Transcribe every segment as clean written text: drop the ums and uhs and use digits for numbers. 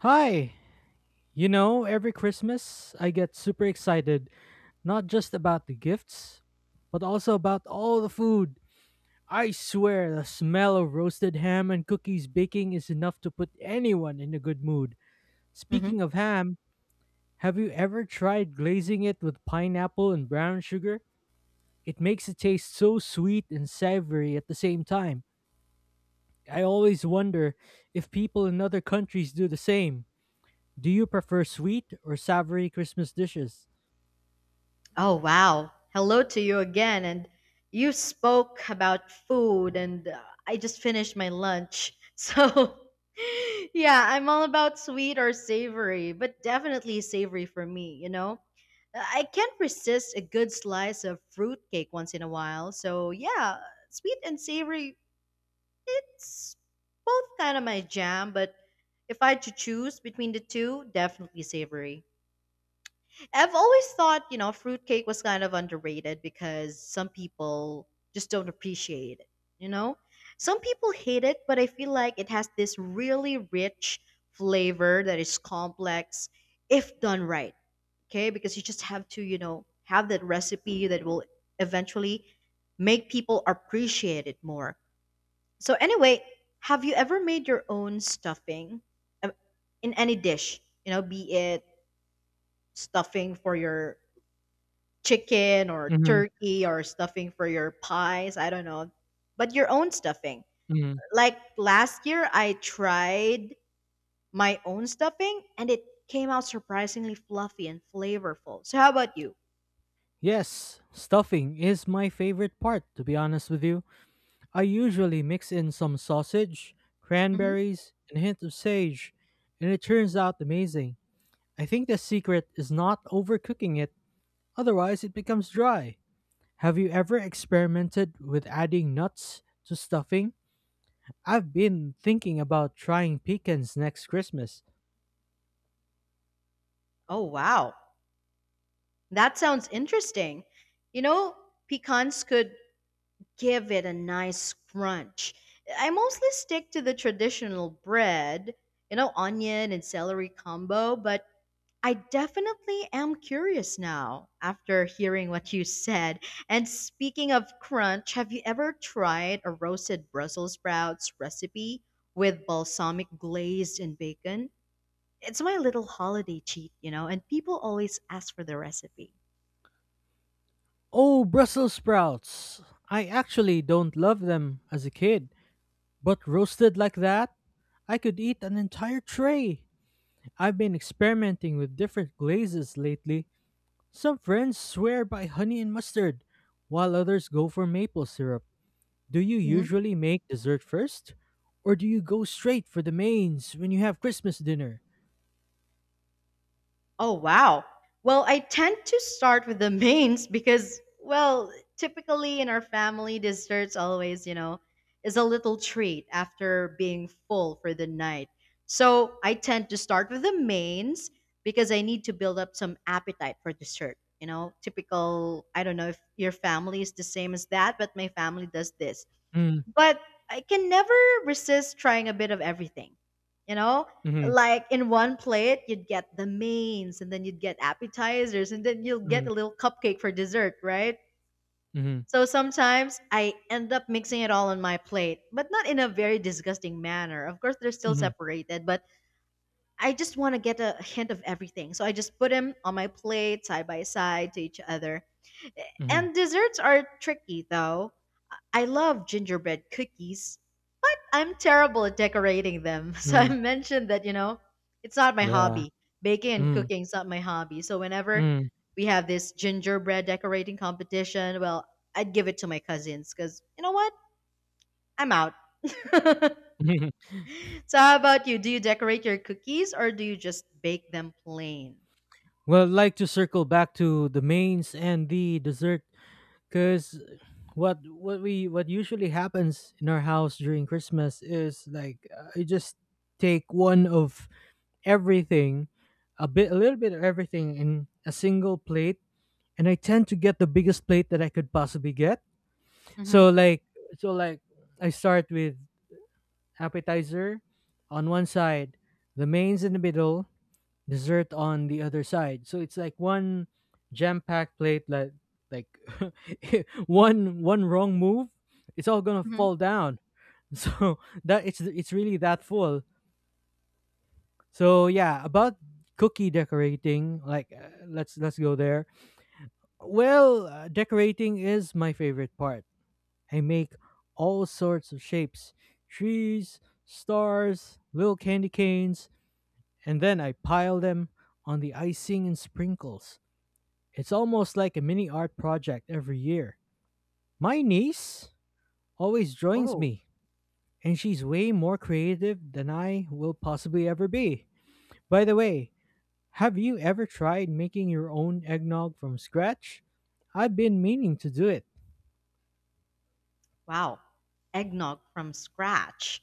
Hi! You know, every Christmas I get super excited, not just about the gifts, but also about all the food. I swear the smell of roasted ham and cookies baking is enough to put anyone in a good mood. Hmm. Speaking of ham, have you ever tried glazing it with pineapple and brown sugar? It makes it taste so sweet and savory at the same time. I always wonder if people in other countries do the same. Do you prefer sweet or savory Christmas dishes? Oh, wow. Hello to you again. And you spoke about food, and I just finished my lunch. So, yeah, I'm all about sweet or savory, but definitely savory for me, you know? I can't resist a good slice of fruitcake once in a while. So, yeah, sweet and savory, it's both kind of my jam, but if I had to choose between the two, definitely savory. I've always thought, you know, fruitcake was kind of underrated because some people just don't appreciate it, you know? Some people hate it, but I feel like it has this really rich flavor that is complex if done right, okay? Because you just have to, you know, have that recipe that will eventually make people appreciate it more. So, anyway, have you ever made your own stuffing uh, in any dish, you know, be it stuffing for your chicken or hmm turkey or stuffing for your pies? I don't know. But your own stuffing. hmm Like last year, I tried my own stuffing and it came out surprisingly fluffy and flavorful. So, how about you? Yes, stuffing is my favorite part, to be honest with you. I usually mix in some sausage, Mhm. cranberries, and a hint of sage, and it turns out amazing. I think the secret is not overcooking it, otherwise, it becomes dry. Have you ever experimented with adding nuts to stuffing? I've been thinking about trying pecans next Christmas. Oh, wow. That sounds interesting. You know, pecans could give it a nice crunch. I mostly stick to the traditional bread, you know, onion and celery combo, but I definitely am curious now after hearing what you said. And speaking of crunch, have you ever tried a roasted Brussels sprouts recipe with balsamic glazed and bacon? It's my little holiday cheat, you know, and people always ask for the recipe. Oh, Brussels sprouts! I actually don't love them as a kid. But roasted like that, I could eat an entire tray. I've been experimenting with different glazes lately. Some friends swear by honey and mustard, while others go for maple syrup. Do you usually make dessert first? Or do you go straight for the mains when you have Christmas dinner? Oh, wow. Well, I tend to start with the mains because, well, typically in our family, desserts always, you know, is a little treat after being full for the night. So I tend to start with the mains because I need to build up some appetite for dessert. You know, typical, I don't know if your family is the same as that, but my family does this, Mm, but I can never resist trying a bit of everything. You know, mm, like in one plate, you'd get the mains, and then you'd get appetizers, and then you'll get mm, a little cupcake for dessert, right? mm, So sometimes I end up mixing it all on my plate, but not in a very disgusting manner. Of course, they're still mm, separated, but I just want to get a hint of everything. So I just put them on my plate side by side to each other. mm, And desserts are tricky, though. I love gingerbread cookies, I'm terrible at decorating them. So I mm. mentioned that, you know, it's not my Yeah. hobby. Baking and Mm, cooking is not my hobby. So whenever mm. we have this gingerbread decorating competition, well, I'd give it to my cousins because, you know what? I'm out. So how about you? Do you decorate your cookies or do you just bake them plain? Well, I'd like to circle back to the mains and the dessert. Cause what usually happens in our house during Christmas is like, I just take one of everything, a little bit of everything in a single plate, and I tend to get the biggest plate that I could possibly get. Mm-hmm. So like so like I start with appetizer on one side, the mains in the middle, dessert on the other side. So it's like one jam-packed plate, like one wrong move, it's all going to Hmm. fall down. So that it's really that full. So yeah, about cookie decorating, like, let's go there. Well, decorating is my favorite part. I make all sorts of shapes, trees, stars, little candy canes, and then I pile them on the icing and sprinkles. It's almost like a mini art project every year. My niece always joins Oh, me, and she's way more creative than I will possibly ever be. By the way, have you ever tried making your own eggnog from scratch? I've been meaning to do it. wow. Eggnog from scratch.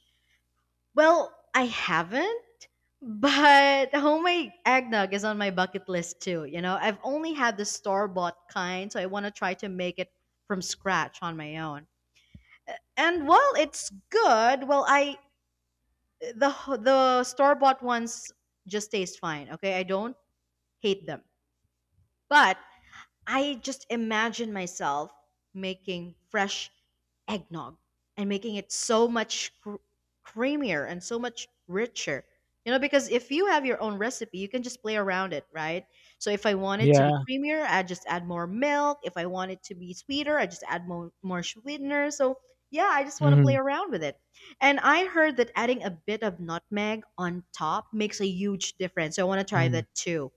Well, I haven't, but homemade eggnog is on my bucket list too. You know, I've only had the store bought kind, so I want to try to make it from scratch on my own. And while it's good, well, I the the store bought ones just taste fine. Okay, I don't hate them, but I just imagine myself making fresh eggnog and making it so much creamier and so much richer. You know, because if you have your own recipe, you can just play around it, right? So if I want it to be Yeah. creamier, I just add more milk. If I want it to be sweeter, I just add more sweetener. So yeah, I just want to play around with it. And I heard that adding a bit of nutmeg on top makes a huge difference. So I want to try Mm-hmm. that too.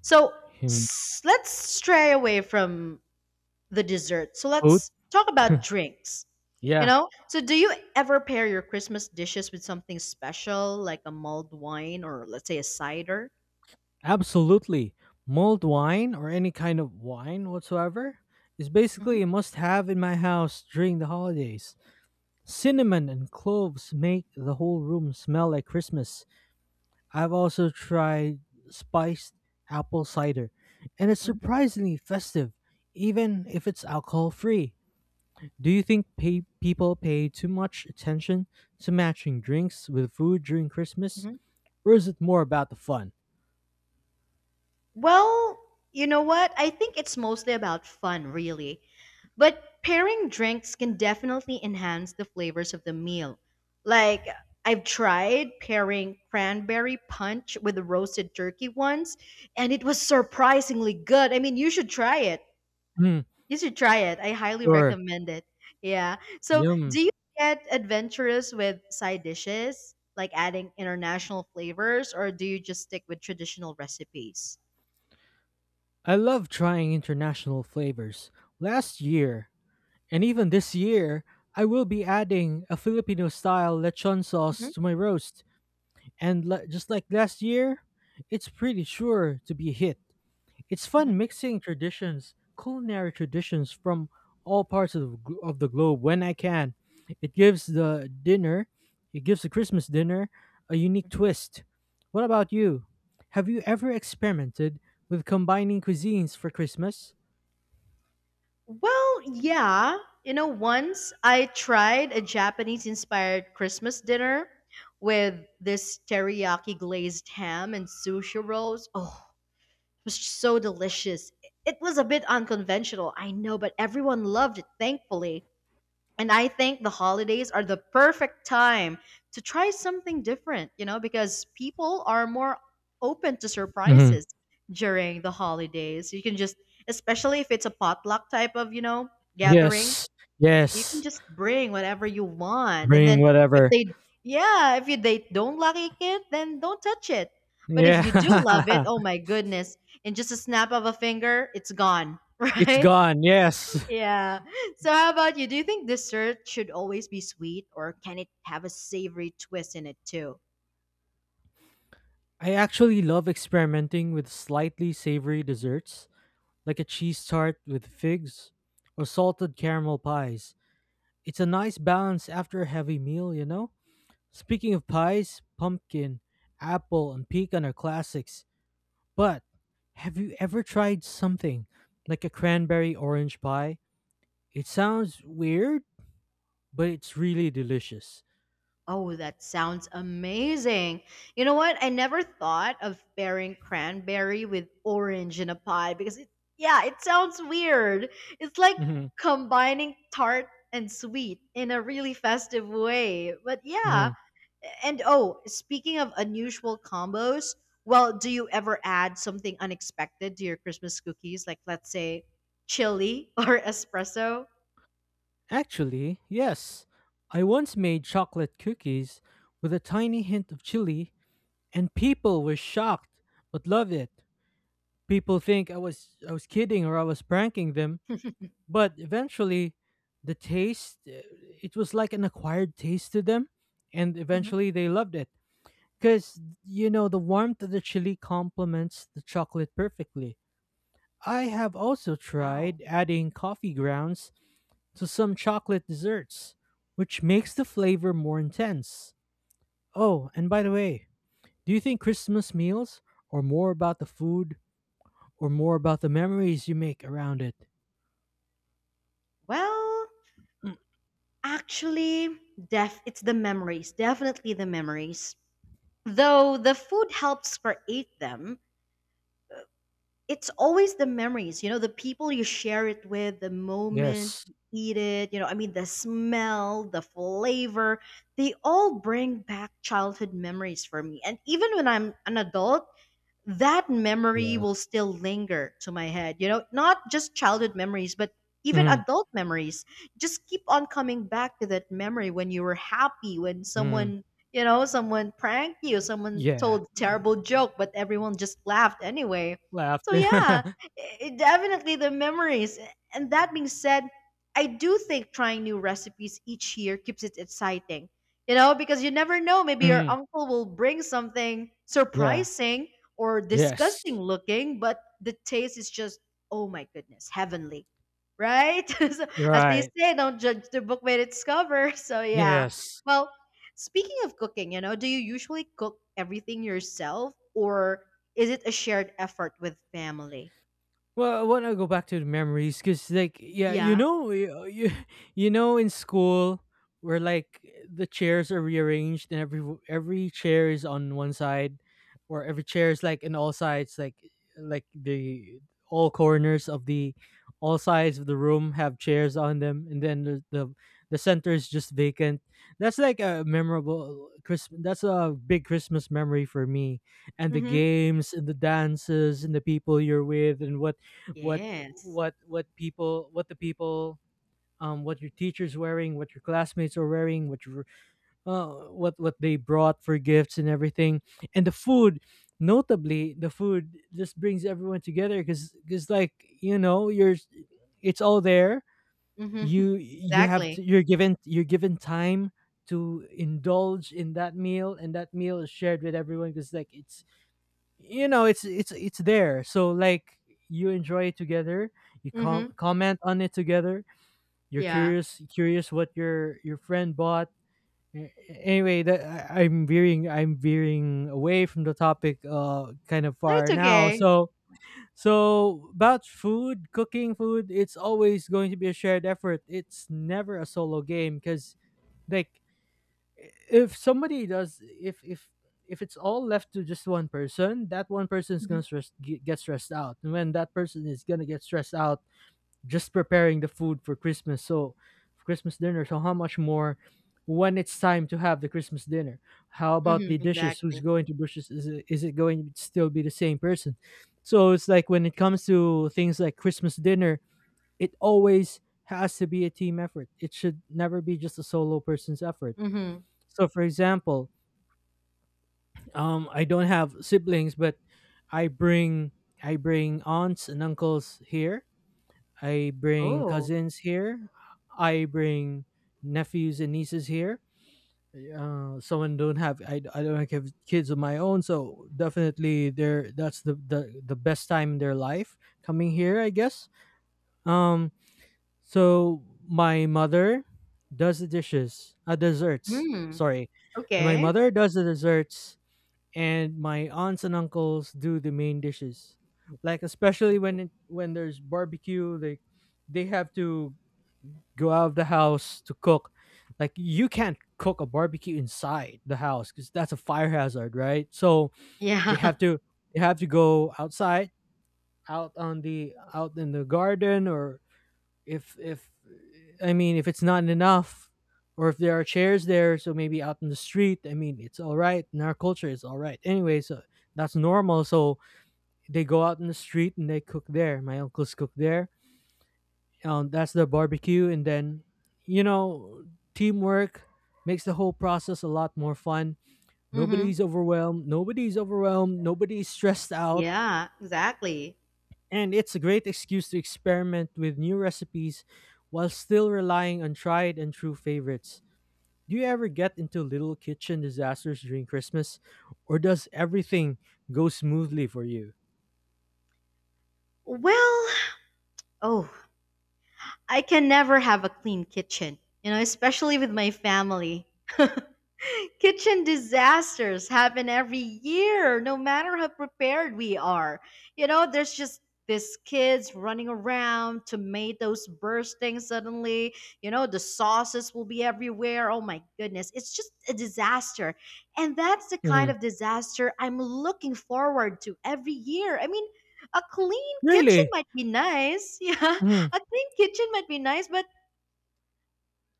So hmm let's stray away from the dessert. So Food? let's talk about drinks. You Yeah, know? So do you ever pair your Christmas dishes with something special like a mulled wine or let's say a cider? absolutely. Mulled wine or any kind of wine whatsoever is Hmm. basically a must have in my house during the holidays. Cinnamon and cloves make the whole room smell like Christmas. I've also tried spiced apple cider, and it's surprisingly festive, even if it's alcohol free. Do you think people pay too much attention to matching drinks with food during Christmas, Hmm. or is it more about the fun? Well, you know what? I think it's mostly about fun, really. But pairing drinks can definitely enhance the flavors of the meal. Like, I've tried pairing cranberry punch with roasted turkey once, and it was surprisingly good. I mean, you should try it. Hmm, You should try it. I highly sure. recommend it. Yeah. So, do Yum. you get adventurous with side dishes, like adding international flavors, or do you just stick with traditional recipes? I love trying international flavors. Last year, and even this year, I will be adding a Filipino style lechon sauce to my roast. And, just like last year, it's pretty sure to be a hit. It's fun Hmm. mixing traditions, culinary traditions from all parts of, of the globe when I can. It gives the dinner, it gives the Christmas dinner a unique twist. What about you? Have you ever experimented with combining cuisines for Christmas? Well, yeah. You know, once I tried a Japanese inspired Christmas dinner with this teriyaki glazed ham and sushi rolls. Oh, it was so delicious. It was a bit unconventional, I know, but everyone loved it, thankfully. And I think the holidays are the perfect time to try something different, you know, because people are more open to Hmm surprises during the holidays. You can just, especially if it's a potluck type of, you know, gathering, Yes, you can yes. just bring whatever you want. And Bring then if whatever. they, yeah, if you, they don't like it, then don't touch it. But if you do love it, Yeah. oh my goodness, in just a snap of a finger, it's gone, It's right? gone. Yes. Yeah. So how about you? Do you think dessert should always be sweet or can it have a savory twist in it too? I actually love experimenting with slightly savory desserts, like a cheese tart with figs or salted caramel pies. It's a nice balance after a heavy meal, you know? Speaking of pies, pumpkin, apple, and pecan are classics. But have you ever tried something like a cranberry orange pie? It sounds weird, but it's really delicious. Oh, that sounds amazing. You know what? I never thought of pairing cranberry with orange in a pie because it, yeah, it sounds weird. It's like Hmm combining tart and sweet in a really festive way. But yeah, and oh, speaking of unusual combos, well, do you ever add something unexpected to your Christmas cookies? Like, let's say, chili or espresso? Actually, yes. I once made chocolate cookies with a tiny hint of chili, and people were shocked but loved it. People think I was kidding or I was pranking them, but eventually the taste, it was like an acquired taste to them, and Hmm. eventually they loved it, cuz you know the warmth of the chili complements the chocolate perfectly. I have also Wow. tried adding coffee grounds to some chocolate desserts, which makes the flavor more intense. Oh, and by the way, do you think Christmas meals are more about the food or more about the memories you make around it? Well, actually, def it's the memories. Definitely the memories. Though the food helps create them, it's always the memories, you know, the people you share it with, the moment Yes. you eat it, you know, I mean, the smell, the flavor, they all bring back childhood memories for me. And even when I'm an adult, that memory Yeah. will still linger to my head. You know, not just childhood memories, but even Mm. adult memories. Just keep on coming back to that memory when you were happy, when Mm. someone, you know, someone pranked you, someone Yeah. told a terrible joke, but everyone just laughed anyway. Laughed. So, yeah, Mm. Definitely the memories. And that being said, I do think trying new recipes each year keeps it exciting. You know, because you never know, maybe your uncle will bring something Yeah. surprising or Yes. disgusting looking, but the taste is just, oh my goodness, heavenly, right? So, You're as they right. say, don't judge the book by its cover. So, yeah. Yes. Well, speaking of cooking, you know, do you usually cook everything yourself or is it a shared effort with family? Well, I want to go back to the memories because, like, yeah, you Yeah. know, you know, in school where like the chairs are rearranged and every chair is on one side, or every chair is like in all sides, like the all corners of the all sides of the room have chairs on them, and then the center is just vacant. That's like a memorable Christmas. That's a big Christmas memory for me, and the Mm-hmm. games and the dances and the people you're with, and what Yes. what the people, what your teachers wearing, what your classmates are wearing, what your, what they brought for gifts, and everything, and the food, notably the food, just brings everyone together, because like, you know, you're, it's all there, Mm-hmm. Exactly. You're given time to indulge in that meal, and that meal is shared with everyone because like it's, you know, it's it's there, so like, you enjoy it together, you Mm-hmm. Comment on it together, you're Yeah. Curious what your friend bought. Anyway, that I'm veering away from the topic, kind of No, it's far now, okay. so about food, cooking food, it's always going to be a shared effort, it's never a solo game, because like, if somebody does, if if it's all left to just one person, that one person is Mm-hmm. gonna stress, get stressed out, and when that person is gonna get stressed out just preparing the food for Christmas, so for Christmas dinner, so how much more when it's time to have the Christmas dinner. How about Mm-hmm. the dishes, who's Exactly. going to dishes, is it going to still be the same person? So it's like when it comes to things like Christmas dinner, it always has to be a team effort, it should never be just a solo person's effort. Mm-hmm. So for example, I don't have siblings, but I bring I bring aunts and uncles here. I bring Oh. cousins here. I bring nephews and nieces here. Someone don't have I don't like, have kids of my own, so definitely they're, that's the best time in their life coming here, I guess. Um, so my mother does the dishes, desserts. Mm. Sorry, my Okay. mother does the desserts and my aunts and uncles do the main dishes. Like especially Oh. When there's barbecue, they have to go out of the house to cook. Like you can't cook a barbecue inside the house because that's a fire hazard, right? So they Yeah. have to, they have to go outside, out on the, out in the garden, or if I mean if it's not enough, or if there are chairs there, so maybe out in the street, I mean it's all right. In our culture it's all right. Anyway, so that's normal. So they go out in the street and they cook there. My uncles cook there. That's their barbecue, and then, you know, teamwork makes the whole process a lot more fun. Mm-hmm. Nobody's overwhelmed, nobody's stressed out. Yeah, exactly. And it's a great excuse to experiment with new recipes while still relying on tried and true favorites. Do you ever get into little kitchen disasters during Christmas, or does everything go smoothly for you? Well, oh, I can never have a clean kitchen, you know, especially with my family. Kitchen disasters happen every year, no matter how prepared we are. You know, there's just these kids running around, tomatoes bursting suddenly, you know, the sauces will be everywhere. Oh my goodness, it's just a disaster. And that's the kind Mhm. of disaster I'm looking forward to every year. I mean, a clean kitchen Really? might be nice. Yeah, Mhm. a clean kitchen might be nice, but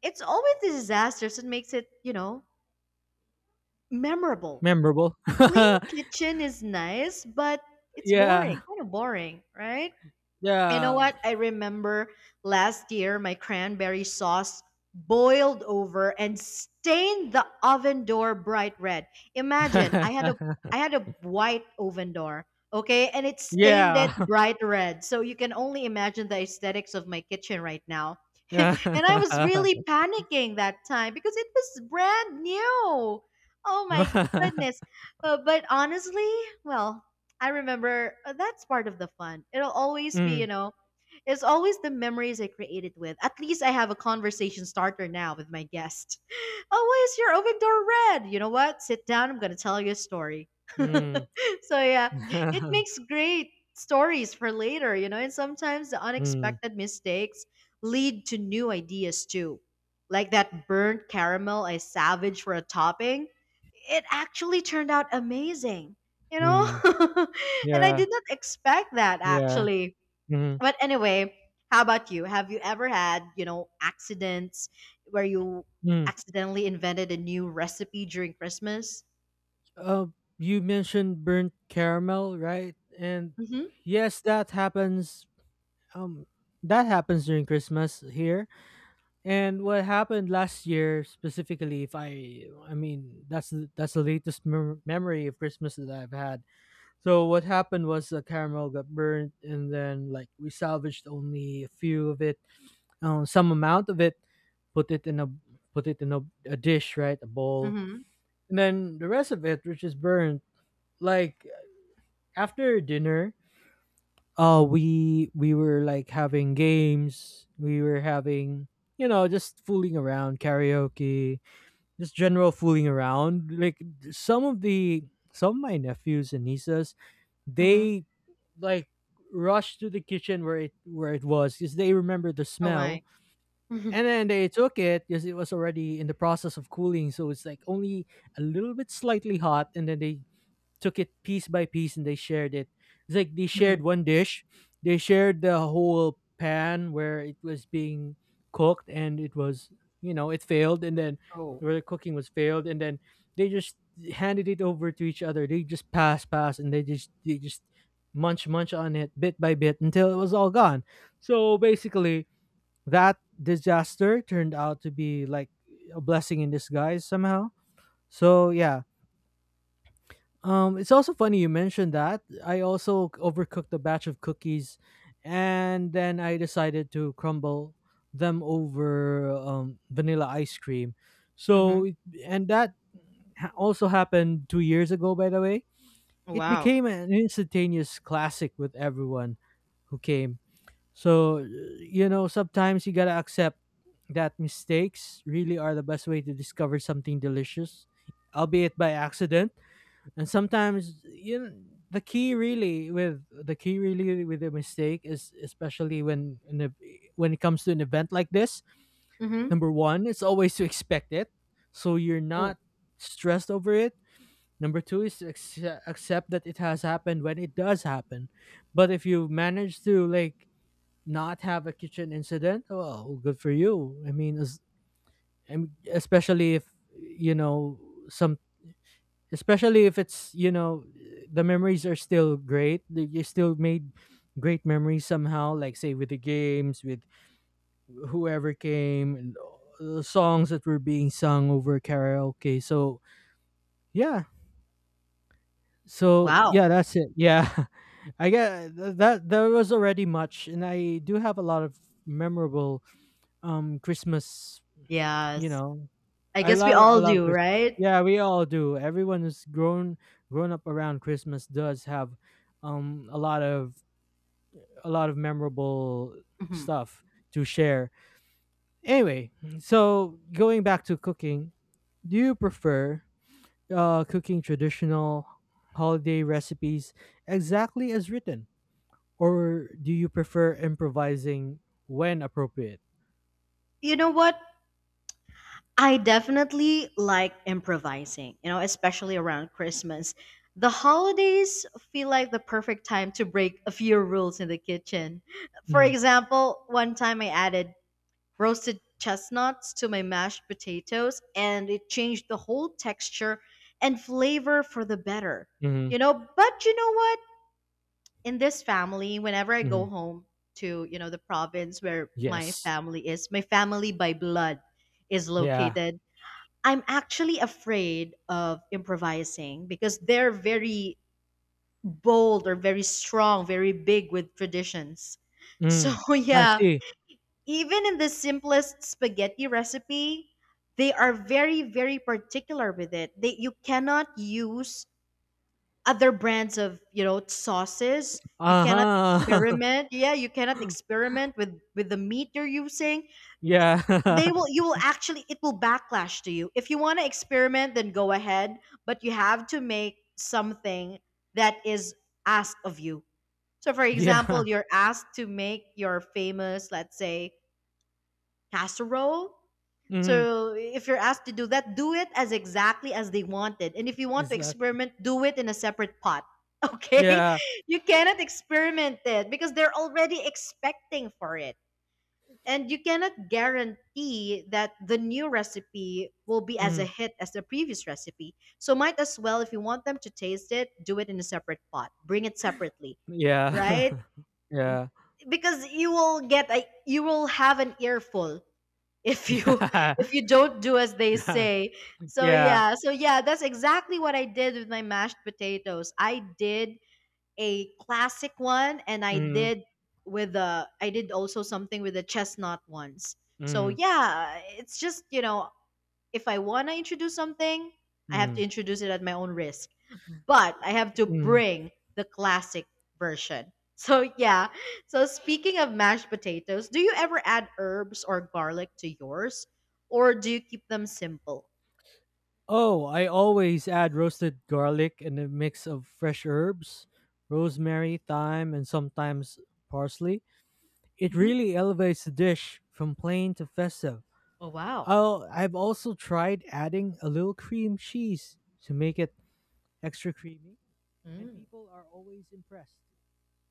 it's always the disasters that makes it, you know, memorable. Memorable. Clean kitchen is nice, but it's Yeah. boring, kind of boring, right? You know Yeah. what? I remember last year my cranberry sauce boiled over and stained the oven door bright red. Imagine, I had a white oven door, okay, and it stained it Yeah. bright red. So you can only imagine the aesthetics of my kitchen right now. And I was really panicking that time because it was brand new. Oh my mm, goodness. But honestly, well, I remember that's part of the fun. It'll always be, you know, it's always the memories I created with. At least I have a conversation starter now with my guest. Oh, why is your oven door red? You know what? Sit down. I'm going to tell you a story. So, mm. yeah, it makes great stories for later, you know, and sometimes the mm, unexpected mistakes lead to new ideas too. Like that burnt caramel I savaged for a topping, it actually turned out amazing, you know? mm. And I Yeah. did not expect that Yeah. actually. Mm, But anyway, how about you? Have you ever had, you know, accidents where you mm. accidentally invented a new recipe during Christmas? Uh, you mentioned burnt caramel, right? And Mm-hmm. yes, that happens. Um, that happens during Christmas here. And what happened last year specifically, if I, I mean, that's that's the latest memory of Christmas that I've had. So what happened was the caramel got burnt, and then like we salvaged only a few of it, some amount of it, put it in a, put it in a, a dish, right, a bowl, Mm-hmm. and then the rest of it, which is burnt, like after dinner, we were like having games, we were having, you know, just fooling around, karaoke, just general fooling around. Like some of the, some of my nephews and nieces, Mm-hmm. they like rushed to the kitchen where it was because they remember the Oh my. smell, Mm-hmm. and then they took it because it was already in the process of cooling, so it's like only a little bit slightly hot, and then they took it piece by piece and they shared it. It's like they Mm-hmm. shared one dish, they shared the whole pan where it was being cooked and it was, it failed and then Oh. where the cooking was failed and then they just handed it over to each other. They just pass and they just munch on it bit by bit until it was all gone. So basically that disaster turned out to be like a blessing in disguise somehow. So yeah, it's also funny you mentioned that. I also overcooked a batch of cookies, and then I decided to crumble them over vanilla ice cream. Mm-hmm. So, it- and that also happened 2 years ago, by the way. Oh, It wow. became an instantaneous classic with everyone who came. So, sometimes you gotta accept that mistakes really are the best way to discover something delicious, albeit by accident and sometimes the key really with a mistake is especially when it comes to an event like this. Mm-hmm. Number one, it's always to expect it so you're Oh. not stressed over it. Number two is to accept that it has happened when it does happen. But if you manage to like not have a kitchen incident, well, good for you. I mean, especially if you know some especially if it's the memories are still great, like, you still made great memories somehow, like say with the games with whoever came and the songs that were being sung over karaoke. So yeah, so Wow. yeah, that's it. Yeah. I get that there was already much and I do have a lot of memorable Christmas, you Yes. know, I I guess we all love do, Christmas. right? Yeah, we all do. Everyone who's grown up around Christmas does have a lot of memorable Mm-hmm. stuff to share. Anyway, so going back to cooking, do you prefer cooking traditional holiday recipes exactly as written, or do you prefer improvising when appropriate? You know what? I definitely like improvising, you know, especially around Christmas. The holidays feel like the perfect time to break a few rules in the kitchen. For Mm-hmm. example, one time I added roasted chestnuts to my mashed potatoes and it changed the whole texture and flavor for the better. Mm-hmm. But you know what? In this family, whenever I go home to, you know, the province where my Yes. family is, my family by blood is Yeah. located. I'm actually afraid of improvising because they're very bold or very strong, very big with traditions. So, Mm. I yeah, see. even in the simplest spaghetti recipe, they are very particular with it. They You cannot use other brands of, you know, sauces. You cannot Uh-huh. experiment. Yeah, you cannot experiment with the meat you're using. Yeah. They will You will actually, it will backlash to you. If you want to experiment, then go ahead, but you have to make something that is asked of you. So for example, Yeah. you're asked to make your famous, let's say, casserole. Mm. So if you're asked to do that, do it as exactly as they wanted, and if you want to Exactly. experiment, do it in a separate pot. Okay, Yeah. you cannot experiment it because they're already expecting for it, and you cannot guarantee that the new recipe will be as a Mm. hit as the previous recipe. So might as well, if you want them to taste it, do it in a separate pot. Bring it separately, Yeah. right? Yeah. Because you will get a, you will have an earful if you if you don't do as they Yeah. say. So Yeah. yeah, so yeah, that's exactly what I did with my mashed potatoes. I did a classic one, and I Mm. did with the, I did also something with the chestnut ones. So Mm. yeah, it's just, you know, if I want to introduce something, I have to Mm. introduce it at my own risk. But I have to Mm. bring the classic version. So yeah. So speaking of mashed potatoes, do you ever add herbs or garlic to yours, or do you keep them simple? Oh, I always add roasted garlic and a mix of fresh herbs, rosemary, thyme, and sometimes parsley. It Mhm. really elevates the dish from plain to festive. Oh wow. Oh, I've also tried adding a little cream cheese to make it extra creamy, and Mm. people are always impressed.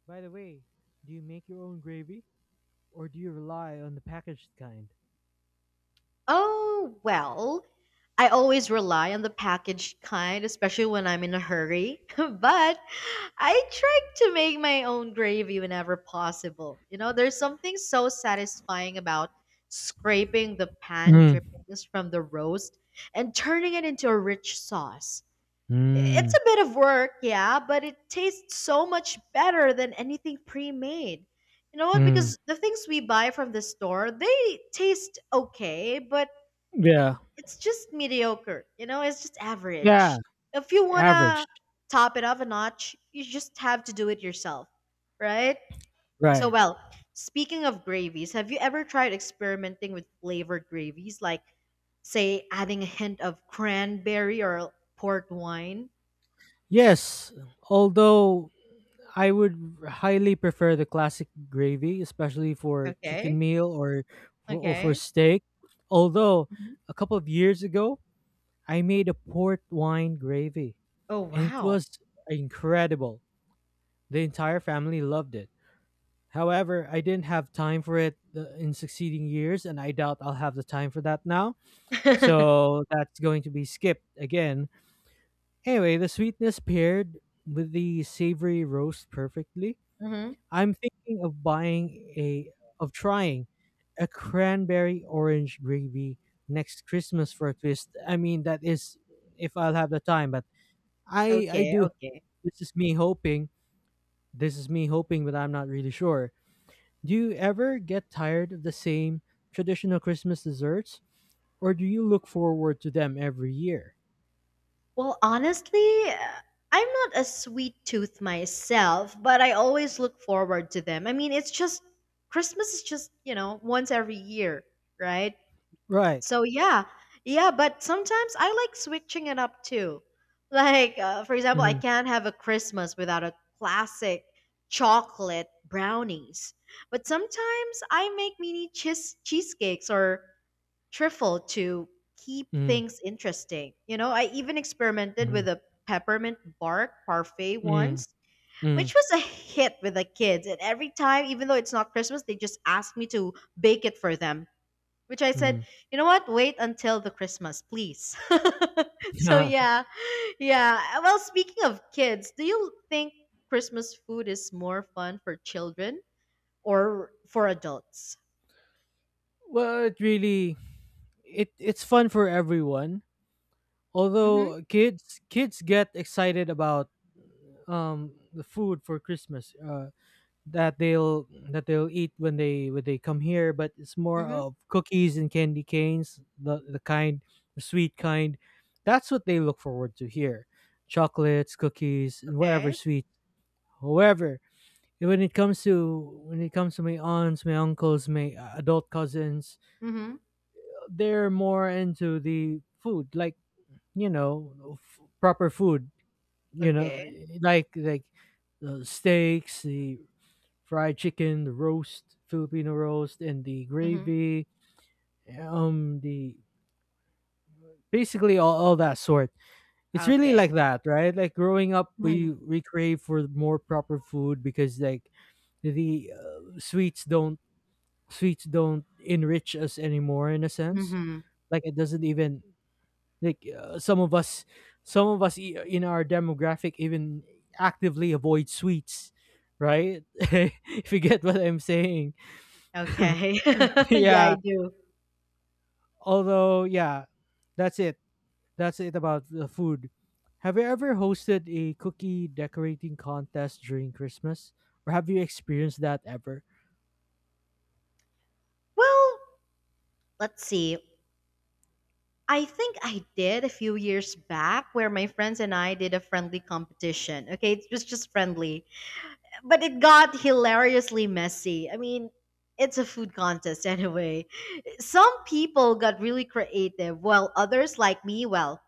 By the way, do you make your own gravy or do you rely on the packaged kind? Oh well, I always rely on the packaged kind, especially when I'm in a hurry. But I try to make my own gravy whenever possible. You know, there's something so satisfying about scraping the pan Mm. drippings from the roast and turning it into a rich sauce. I- It's Mm. a bit of work, yeah, but it tastes so much better than anything pre made. You know what? Mm. Because the things we buy from the store, they taste okay, but Yeah. it's just mediocre. You know, it's just Yeah. average. If you wanna Average. top it off a notch, you just have to do it yourself, right? So, Right. well, speaking of gravies, have you ever tried experimenting with flavored gravies, like say adding a hint of cranberry or port wine? Yes. Although I would highly prefer the classic gravy, especially for chicken Okay, meal or or for okay. steak. Although Mhm. a couple of years ago, I made a port wine gravy, Oh and it wow. was incredible. The entire family loved it. However, I didn't have time for it in succeeding years, and I doubt I'll have the time for that now. So that's going to be skipped again. Anyway, the sweetness paired with the savory roast perfectly. Hmm. I'm thinking of a, trying a cranberry orange gravy next Christmas for a twist. I mean, that is if I'll have the time, but I Okay, do. okay. This is me hoping. This is me hoping, but I'm not really sure. Do you ever get tired of the same traditional Christmas desserts, or do you look forward to them every year? Well, honestly, I'm not a sweet tooth myself, but I always look forward to them. I mean, it's just, Christmas is just, you know, once every year, right? Right. So, yeah. Yeah, but sometimes I like switching it up too. Like, for example, I Mm. can't have a Christmas without a classic chocolate brownies. But sometimes I make mini cheesecakes or truffle to keep Mm. things interesting. You know, I even experimented Mm. with a peppermint bark parfait Mm. once, Mm. which was a hit with the kids. And every time, even though it's not Christmas, they just ask me to bake it for them. Which I said, Mm. you know what? Wait until the Christmas, please. So yeah, yeah. Well, speaking of kids, do you think Christmas food is more fun for children or for adults? Well, it really it's fun for everyone. Mm-hmm. Although kids get excited about the food for Christmas. That they'll eat when they come here, but it's more Mm-hmm. of cookies and candy canes, the kind, the sweet kind. That's what they look forward to here. Chocolates, cookies, and whatever Okay. sweet. However, when it comes to my aunts, my uncles, my adult cousins, Mm-hmm. they're more into the food, like, you know, proper food, you know, Okay. Like steaks, the fried chicken, the roast, Filipino roast, and the Mm-hmm. gravy, the basically all that sort. It's really Okay. like that, right? Like growing up, Mhm. We crave for more proper food because like the sweets don't enrich us anymore in a sense. Mhm. Like it doesn't even like some of us in our demographic even actively avoid sweets, right? If you get what I'm saying. Okay. Yeah, I Yeah. do. Although, yeah, that's it. That's it about the food. Have you ever hosted a cookie decorating contest during Christmas? Or have you experienced that ever? Well, let's see. I think I did a few years back where my friends and I did a friendly competition. Okay, it was just friendly, but it got hilariously messy. I mean, it's a food contest anyway. Some people got really creative, while others, like me, well,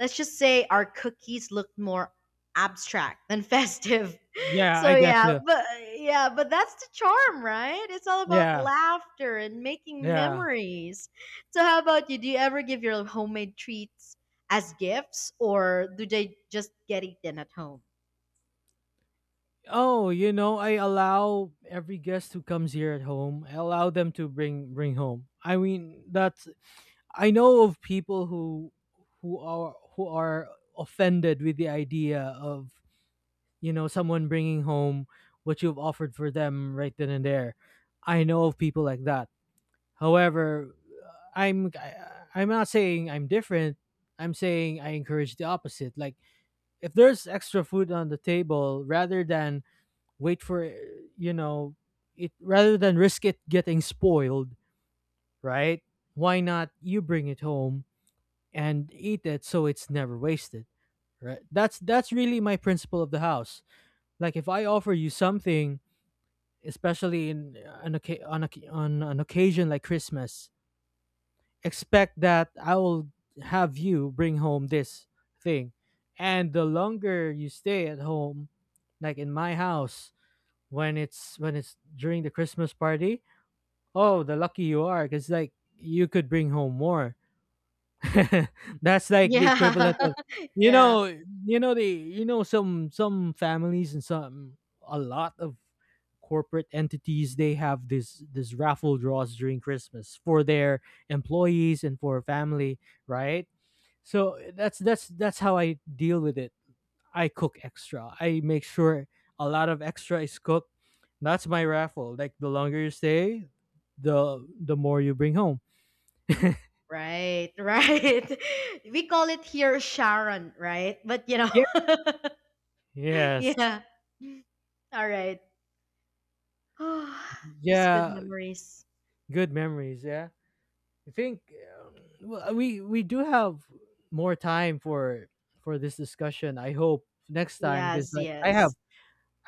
let's just say our cookies looked more abstract than festive. Yeah, I So get yeah, you. but yeah, but that's the charm, right? It's all about Yeah, laughter and making yeah. memories. So how about you? Do you ever give your homemade treats as gifts, or do they just get eaten at home? Oh, you know, I allow every guest who comes here at home, I allow them to bring home. I mean, that's, I know of people who who are offended with the idea of, you know, someone bringing home what you've offered for them right then and there. I know of people like that. However, I'm I- I'm not saying I'm different. I'm saying I encourage the opposite. Like if there's extra food on the table, rather than wait for you know rather than risk it getting spoiled, right? Why not you bring it home and eat it so it's never wasted, right? That's really my principle of the house. Like if I offer you something especially on on an occasion like Christmas, expect that I will have you bring home this thing. And the longer you stay at home, like in my house, when it's during the Christmas party, oh, the lucky you are, because like you could bring home more. That's like the equivalent Yeah. of, you Yeah. know, you know, the, you know, some families and some, a lot of corporate entities, they have this raffle draws during Christmas for their employees and for family, right? So that's how I deal with it. I cook extra. I make sure a lot of extra is cooked. That's my raffle. Like the longer you stay, the more you bring home. Right, right. We call it here Sharon, right? But you know. Yeah. Yes. Yeah. All right. Just good Yeah. memories. Good memories. Yeah. I think, well, we do have more time for this discussion. I hope next time because Yes, like yes.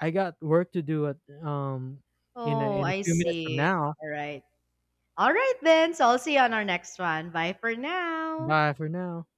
I got work to do at um in Oh, in a I few minutes from see. now. All right. All right then. So I'll see you on our next one. Bye for now. Bye for now.